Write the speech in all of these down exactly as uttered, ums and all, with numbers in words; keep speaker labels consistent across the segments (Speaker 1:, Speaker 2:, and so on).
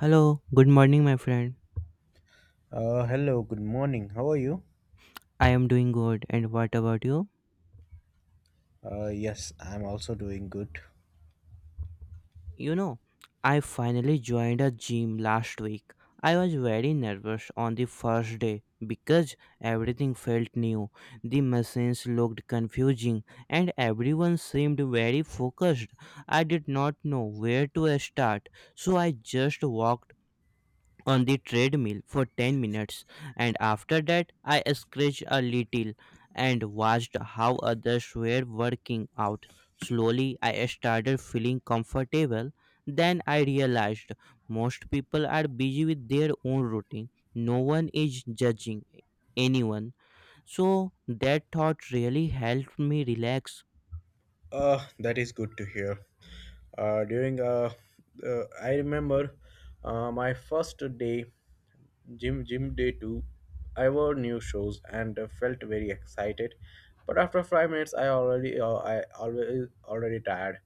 Speaker 1: Hello, good morning, my friend.
Speaker 2: Uh, hello, good morning. How are you?
Speaker 1: I am doing good, and what about you?
Speaker 2: Uh, yes, I'm also doing good.
Speaker 1: You know, I finally joined a gym last week. I was very nervous on the first day because everything felt new. The machines looked confusing, and everyone seemed very focused. I did not know where to start, so I just walked on the treadmill for 10 minutes and after that I scratched a little and watched how others were working out. Slowly I started feeling comfortable. Then I realized most people are busy with their own routine. No one is judging anyone. So that thought really helped me relax.
Speaker 2: Uh, that is good to hear. Uh, during uh, uh, I remember uh, my first day gym gym day two. I wore new shoes and uh, felt very excited, but after five minutes I already uh, I always already tired.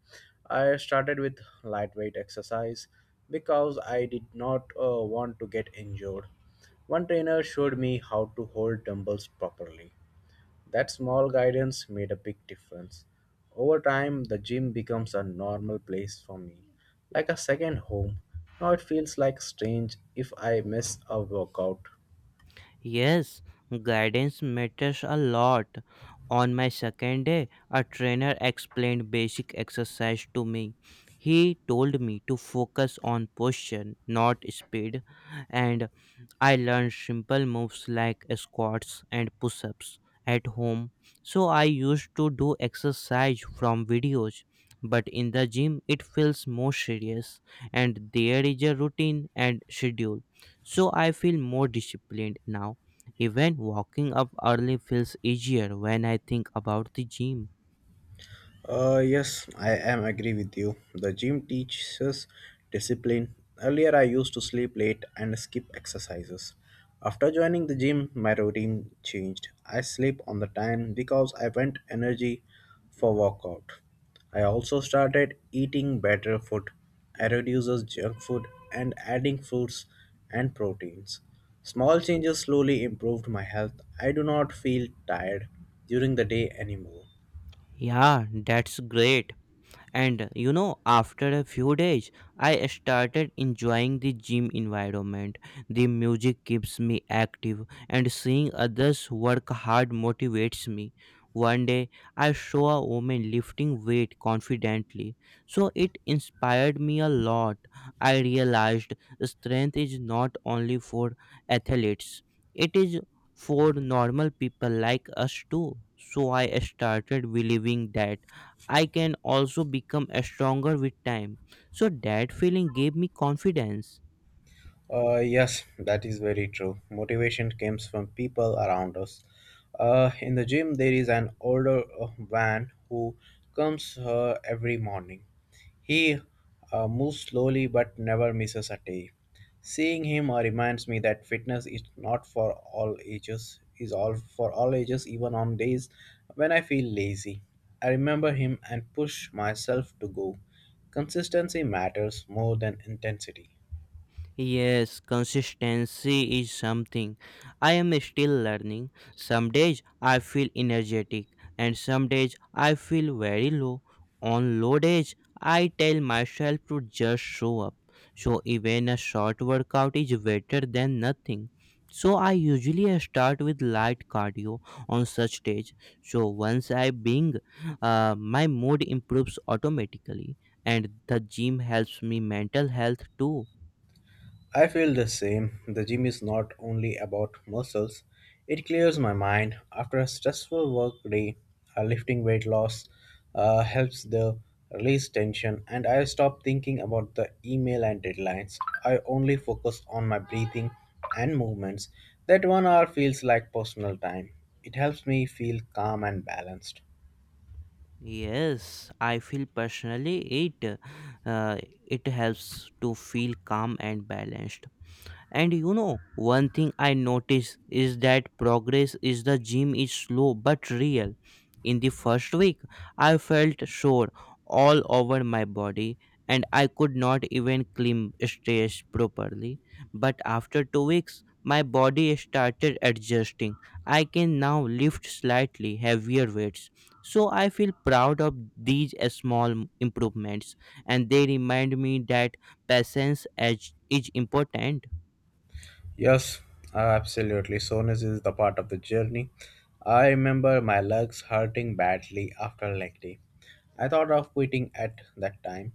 Speaker 2: I started with lightweight exercise because I did not uh, want to get injured. One trainer showed me how to hold dumbbells properly. That small guidance made a big difference. Over time, the gym becomes a normal place for me, like a second home. Now it feels like strange if I miss a workout.
Speaker 1: Yes, guidance matters a lot. On my second day, a trainer explained basic exercise to me. He told me to focus on posture, not speed, and I learned simple moves like squats and push ups at home. So I used to do exercise from videos, but in the gym it feels more serious and there is a routine and schedule. So I feel more disciplined now. Even walking up early feels easier when I think about the gym.
Speaker 2: Uh, yes, I am agree with you. The gym teaches discipline. Earlier, I used to sleep late and skip exercises. After joining the gym, my routine changed. I sleep on the time because I want energy for workout. I also started eating better food. I reduces junk food and adding fruits and proteins. Small changes slowly improved my health. I do not feel tired during the day anymore.
Speaker 1: Yeah, that's great. And you know, after a few days, I started enjoying the gym environment. The music keeps me active, and seeing others work hard motivates me. One day, I saw a woman lifting weight confidently, so it inspired me a lot. I realized strength is not only for athletes, it is for normal people like us too. So I started believing that I can also become stronger with time. So that feeling gave me confidence.
Speaker 2: Uh, yes, that is very true. Motivation comes from people around us. Uh, in the gym, there is an older uh, man who comes uh, every morning. He uh, moves slowly but never misses a day. Seeing him uh, reminds me that fitness is not for all ages, is all for all ages, even on days when I feel lazy. I remember him and push myself to go. Consistency matters more than intensity.
Speaker 1: Yes, consistency is something I am still learning. Some days I feel energetic, and some days I feel very low. On low days, I tell myself to just show up. So, even a short workout is better than nothing. So, I usually start with light cardio on such days. So, once I bring, uh, my mood improves automatically, and the gym helps me mental health too.
Speaker 2: I feel the same. The gym is not only about muscles, it clears my mind. After a stressful work day, uh, lifting weight loss uh, helps the release tension, and I stop thinking about the email and deadlines. I only focus on my breathing and movements. That one hour feels like personal time. It helps me feel calm and balanced.
Speaker 1: Yes, I feel personally it uh, it helps to feel calm and balanced. And you know, one thing I notice is that progress is the gym is slow but real. In the first week, I felt sore all over my body and I could not even climb stairs properly. But after two weeks, my body started adjusting. I can now lift slightly heavier weights. So I feel proud of these uh, small m- improvements and they remind me that patience is, is important.
Speaker 2: Yes, uh, absolutely. Soreness is the part of the journey. I remember my legs hurting badly after a leg day. I thought of quitting at that time,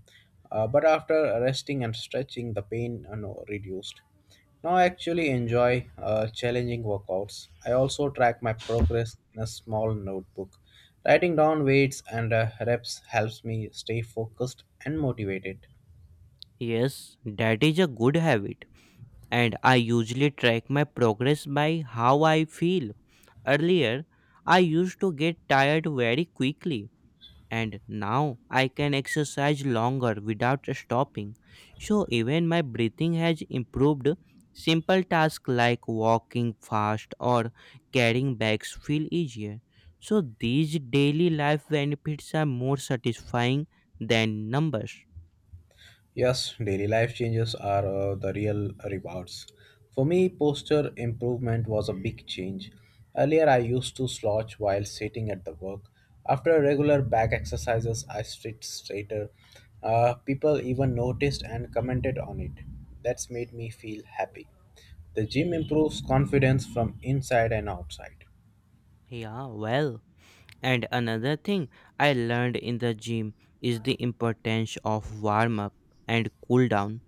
Speaker 2: uh, but after resting and stretching, the pain uh, no, reduced. Now I actually enjoy uh, challenging workouts. I also track my progress in a small notebook. Writing down weights and uh, reps helps me stay focused and motivated.
Speaker 1: Yes, that is a good habit. And I usually track my progress by how I feel. Earlier, I used to get tired very quickly, and now I can exercise longer without stopping. So, even my breathing has improved. Simple tasks like walking fast or carrying bags feel easier. So, these daily life benefits are more satisfying than numbers.
Speaker 2: Yes, daily life changes are uh, the real rewards. For me, posture improvement was a big change. Earlier, I used to slouch while sitting at the work. After regular back exercises, I sit straighter. Uh, people even noticed and commented on it. That's made me feel happy. The gym improves confidence from inside and outside.
Speaker 1: Yeah, well. And another thing I learned in the gym is the importance of warm up and cool down.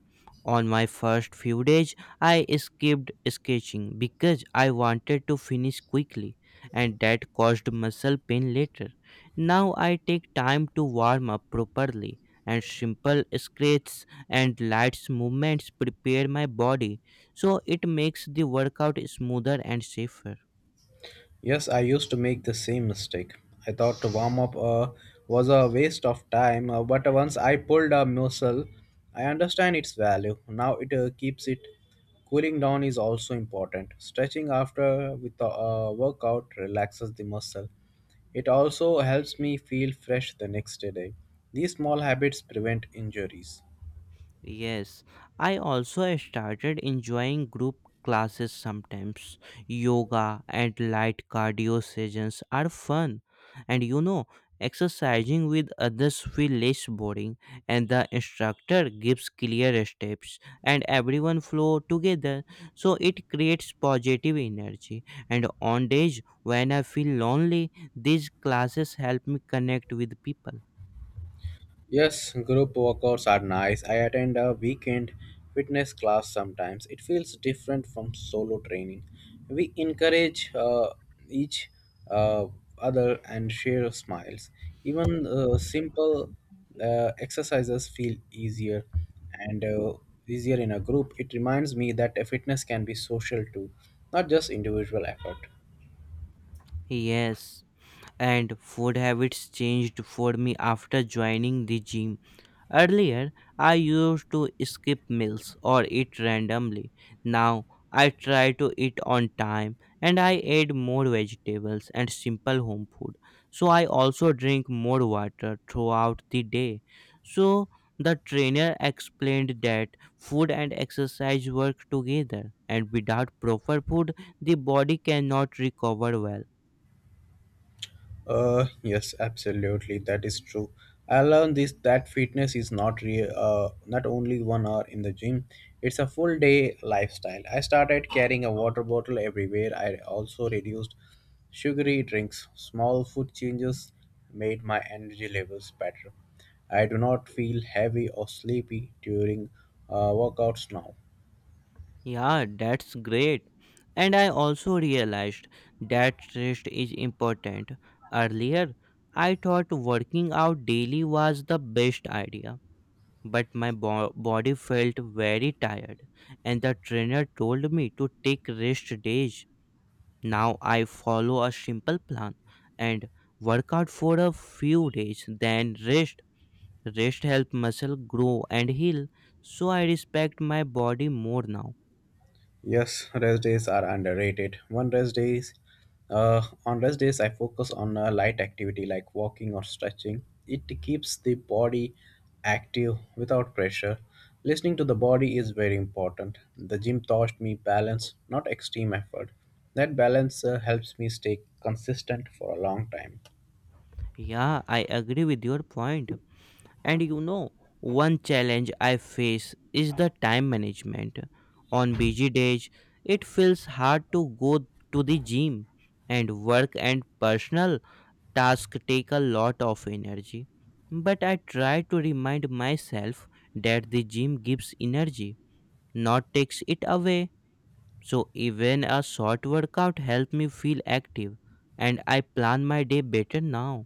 Speaker 1: On my first few days, I skipped sketching because I wanted to finish quickly, and that caused muscle pain later. Now I take time to warm up properly, and simple scratches and light movements prepare my body so it makes the workout smoother and safer.
Speaker 2: Yes, I used to make the same mistake. I thought to warm up uh, was a waste of time, uh, but once I pulled a muscle, I understand its value. Now it uh, keeps it. Cooling down is also important. Stretching after with a uh, workout relaxes the muscle. It also helps me feel fresh the next day. These small habits prevent injuries.
Speaker 1: Yes, I also started enjoying group classes sometimes. Yoga and light cardio sessions are fun. And you know, exercising with others feel less boring and the instructor gives clear steps and everyone flow together so it creates positive energy and on days when I feel lonely these classes help me connect with people.
Speaker 2: Yes, group workouts are nice. I attend a weekend fitness class sometimes. It feels different from solo training. We encourage uh, each uh, other and share smiles. Even uh, simple uh, exercises feel easier and uh, easier in a group. It reminds me that fitness can be social too, not just individual effort.
Speaker 1: Yes, and food habits changed for me after joining the gym. Earlier, I used to skip meals or eat randomly. Now, I try to eat on time and I add more vegetables and simple home food. So, I also drink more water throughout the day. So, the trainer explained that food and exercise work together, and without proper food, the body cannot recover well.
Speaker 2: Uh, yes, absolutely, that is true. I learned this that fitness is not real. Uh, not only one hour in the gym; it's a full day lifestyle. I started carrying a water bottle everywhere. I also reduced sugary drinks. Small food changes made my energy levels better. I do not feel heavy or sleepy during uh, workouts now.
Speaker 1: Yeah, that's great. And I also realized that rest is important. Earlier, I thought working out daily was the best idea, but my bo- body felt very tired, and the trainer told me to take rest days. Now I follow a simple plan and work out for a few days, then rest. Rest help muscle grow and heal, so I respect my body more now.
Speaker 2: Yes, rest days are underrated. One rest days, uh, on rest days, I focus on a light activity like walking or stretching. It keeps the body active without pressure. Listening to the body is very important. The gym taught me balance, not extreme effort. That balance uh, helps me stay consistent for a long time.
Speaker 1: Yeah, I agree with your point. And you know, one challenge I face is the time management. On busy days, it feels hard to go to the gym, and work and personal tasks take a lot of energy. But I try to remind myself that the gym gives energy, not takes it away. So even a short workout helps me feel active, and I plan my day better now.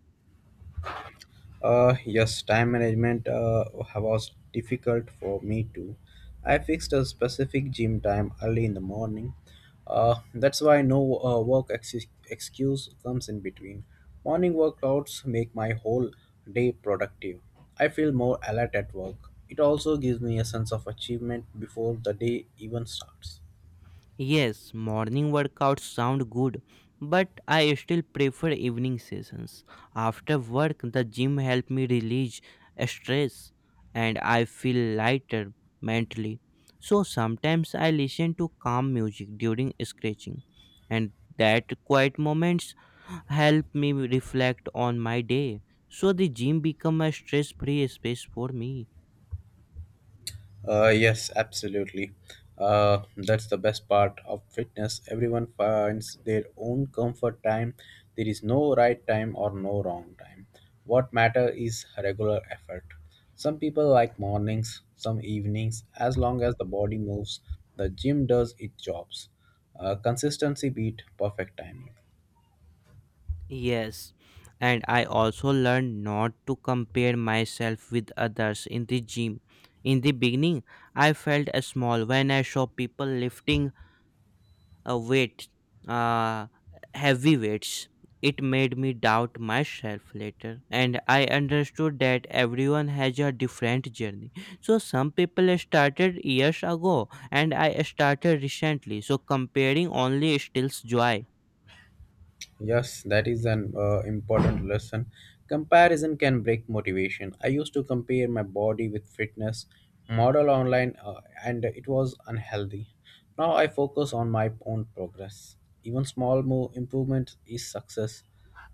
Speaker 2: Uh, yes, time management uh, was difficult for me too. I fixed a specific gym time early in the morning. Uh, that's why no uh, work ex- excuse comes in between. Morning workouts make my whole day productive. I feel more alert at work. It also gives me a sense of achievement before the day even starts.
Speaker 1: Yes, morning workouts sound good, but I still prefer evening sessions. After work, the gym helps me release stress and I feel lighter mentally. So sometimes I listen to calm music during stretching, and that quiet moments help me reflect on my day. So the gym become a stress-free space for me.
Speaker 2: Uh, yes, absolutely. Uh, that's the best part of fitness. Everyone finds their own comfort time. There is no right time or no wrong time. What matter is regular effort. Some people like mornings, some evenings. As long as the body moves, the gym does its jobs. Uh, consistency beat perfect timing.
Speaker 1: Yes, and I also learned not to compare myself with others in the gym. In the beginning, I felt uh, small when I saw people lifting a weight, uh, heavy weights. It made me doubt myself later, and I understood that everyone has a different journey. So, some people started years ago, and I started recently. So, comparing only steals joy.
Speaker 2: Yes, that is an uh, important lesson. Comparison can break motivation. I used to compare my body with fitness model online, uh, and it was unhealthy. Now I focus on my own progress. Even small move improvement is success.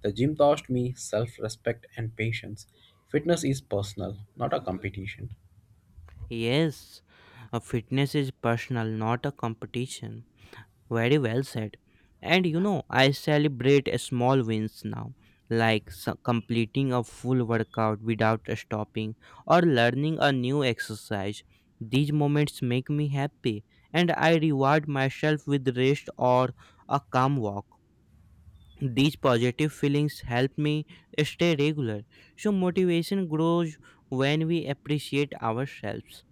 Speaker 2: The gym taught me self-respect and patience. Fitness is personal, not a competition.
Speaker 1: Yes, a fitness is personal, not a competition. Very well said. And you know, I celebrate a small wins now, like s- completing a full workout without stopping or learning a new exercise. These moments make me happy, and I reward myself with rest or a calm walk. These positive feelings help me stay regular. So, motivation grows when we appreciate ourselves.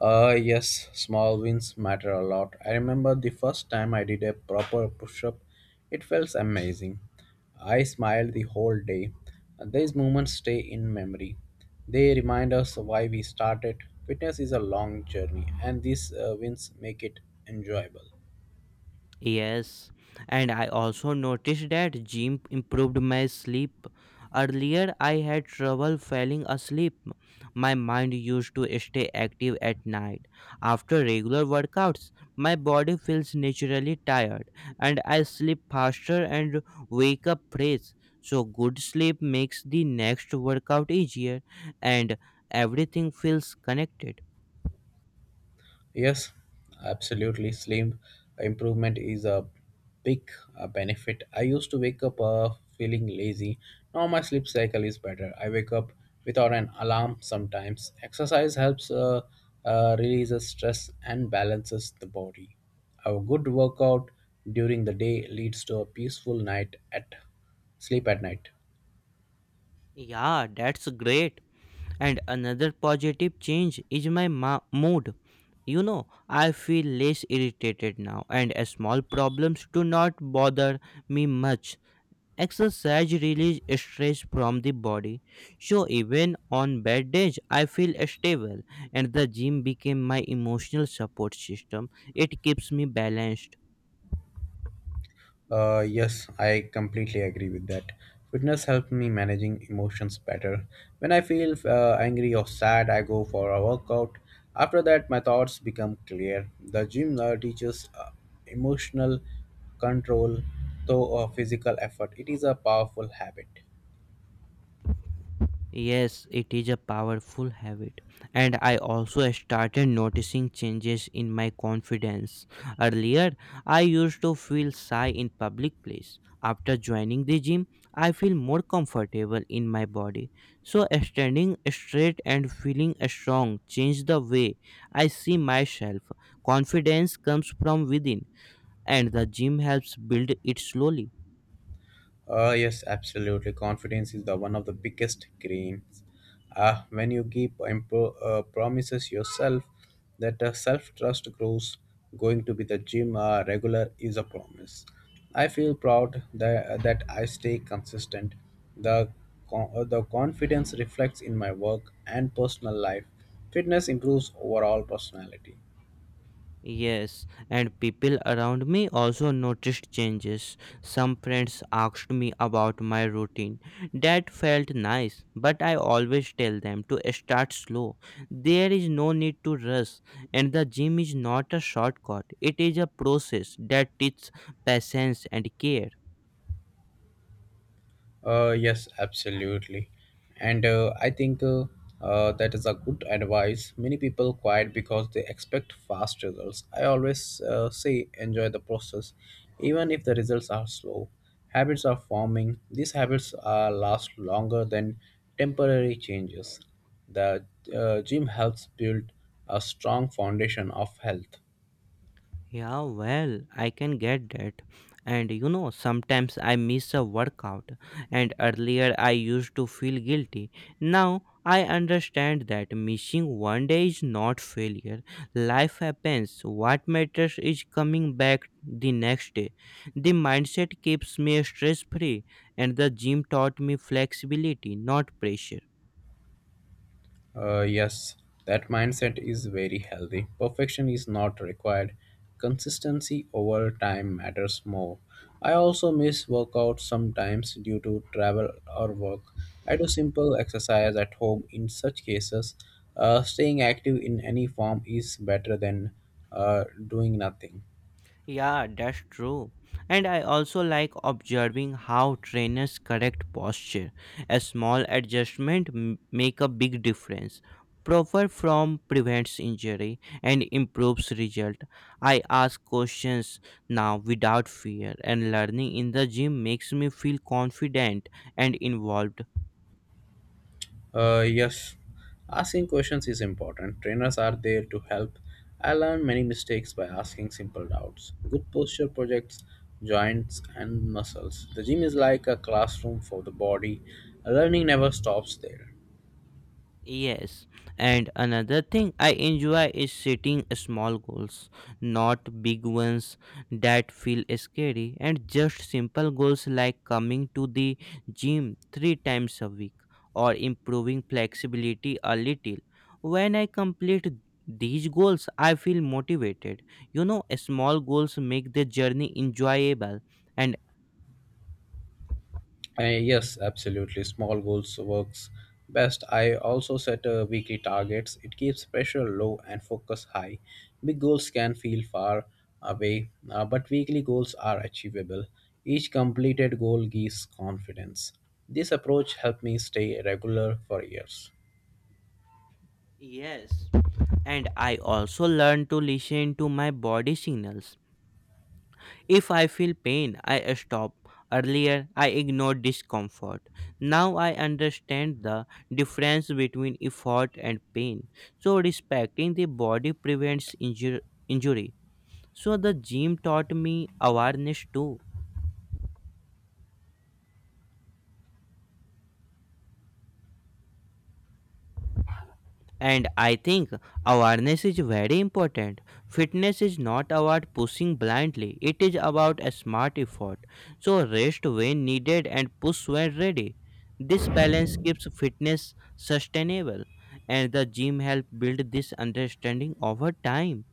Speaker 2: Uh, yes, small wins matter a lot. I remember the first time I did a proper push up, it felt amazing. I smiled the whole day. These moments stay in memory. They remind us why we started. Fitness is a long journey, and these uh, wins make it enjoyable.
Speaker 1: Yes, and I also noticed that gym improved my sleep. Earlier, I had trouble falling asleep. My mind used to stay active at night. After regular workouts, my body feels naturally tired, and I sleep faster and wake up fresh. So, good sleep makes the next workout easier, and everything feels connected.
Speaker 2: Yes, absolutely. Sleep improvement is a big uh, benefit. I used to wake up uh, feeling lazy. Now my sleep cycle is better. I wake up without an alarm sometimes. Exercise helps uh, uh, releases stress and balances the body. A good workout during the day leads to a peaceful night at sleep at night.
Speaker 1: Yeah, that's great. And another positive change is my ma- mood. You know, I feel less irritated now, and uh, small problems do not bother me much. Exercise releases stress from the body, so even on bad days, I feel stable, and the gym became my emotional support system. It keeps me balanced.
Speaker 2: Uh, yes, I completely agree with that. Fitness helped me managing emotions better. When I feel uh, angry or sad, I go for a workout. After that, my thoughts become clear. The gym uh, teaches uh, emotional control through uh, physical effort. It is a powerful habit.
Speaker 1: Yes, it is a powerful habit, and I also started noticing changes in my confidence. Earlier, I used to feel shy in public place. After joining the gym, I feel more comfortable in my body. So, standing straight and feeling strong changed the way I see myself. Confidence comes from within, and the gym helps build it slowly.
Speaker 2: Uh, yes, absolutely. Confidence is the one of the biggest gains. Uh, when you keep impo- uh, promises yourself that uh, self trust grows, going to be the gym uh, regular is a promise. I feel proud that, that I stay consistent. The, con- uh, the confidence reflects in my work and personal life. Fitness improves overall personality.
Speaker 1: Yes, and people around me also noticed changes. Some friends asked me about my routine. That felt nice, but I always tell them to start slow. There is no need to rush, and the gym is not a shortcut, it is a process that teaches patience and care.
Speaker 2: Uh, yes, absolutely. And uh, I think uh, uh, that is a good advice. Many people quiet because they expect fast results. I always uh, say enjoy the process, even if the results are slow. Habits are forming. These habits uh, last longer than temporary changes. The uh, gym helps build a strong foundation of health.
Speaker 1: Yeah, well, I can get that. And you know, sometimes I miss a workout, and earlier I used to feel guilty. Now I understand that missing one day is not failure. Life happens. What matters is coming back the next day. The mindset keeps me stress free, and the gym taught me flexibility, not pressure.
Speaker 2: Uh, yes, that mindset is very healthy. Perfection is not required. Consistency over time matters more. I also miss workouts sometimes due to travel or work. I do simple exercise at home in such cases. Uh, staying active in any form is better than uh, doing nothing.
Speaker 1: Yeah, that's true. And I also like observing how trainers correct posture. A small adjustment m- make a big difference. Proper form prevents injury and improves result. I ask questions now without fear and learning in the gym makes me feel confident and involved.
Speaker 2: Uh, yes, asking questions is important. Trainers are there to help. I learned many mistakes by asking simple doubts. Good posture projects joints and muscles. The gym is like a classroom for the body. Learning never stops there.
Speaker 1: Yes, and another thing I enjoy is setting small goals, not big ones that feel scary, and just simple goals like coming to the gym three times a week or improving flexibility a little. When I complete these goals, I feel motivated. You know, small goals make the journey enjoyable, and
Speaker 2: Uh, yes, absolutely. Small goals works best. I also set uh, weekly targets. It keeps pressure low and focus high. Big goals can feel far away, uh, but weekly goals are achievable. Each completed goal gives confidence. This approach helped me stay regular for years.
Speaker 1: yes, and I also learn to listen to my body signals. If I feel pain, I stop. Earlier, I ignored discomfort. Now I understand the difference between effort and pain. So, respecting the body prevents injur- injury. So, the gym taught me awareness too. And I think awareness is very important. Fitness is not about pushing blindly, it is about a smart effort. So, rest when needed and push when ready. This balance keeps fitness sustainable, and the gym help build this understanding over time.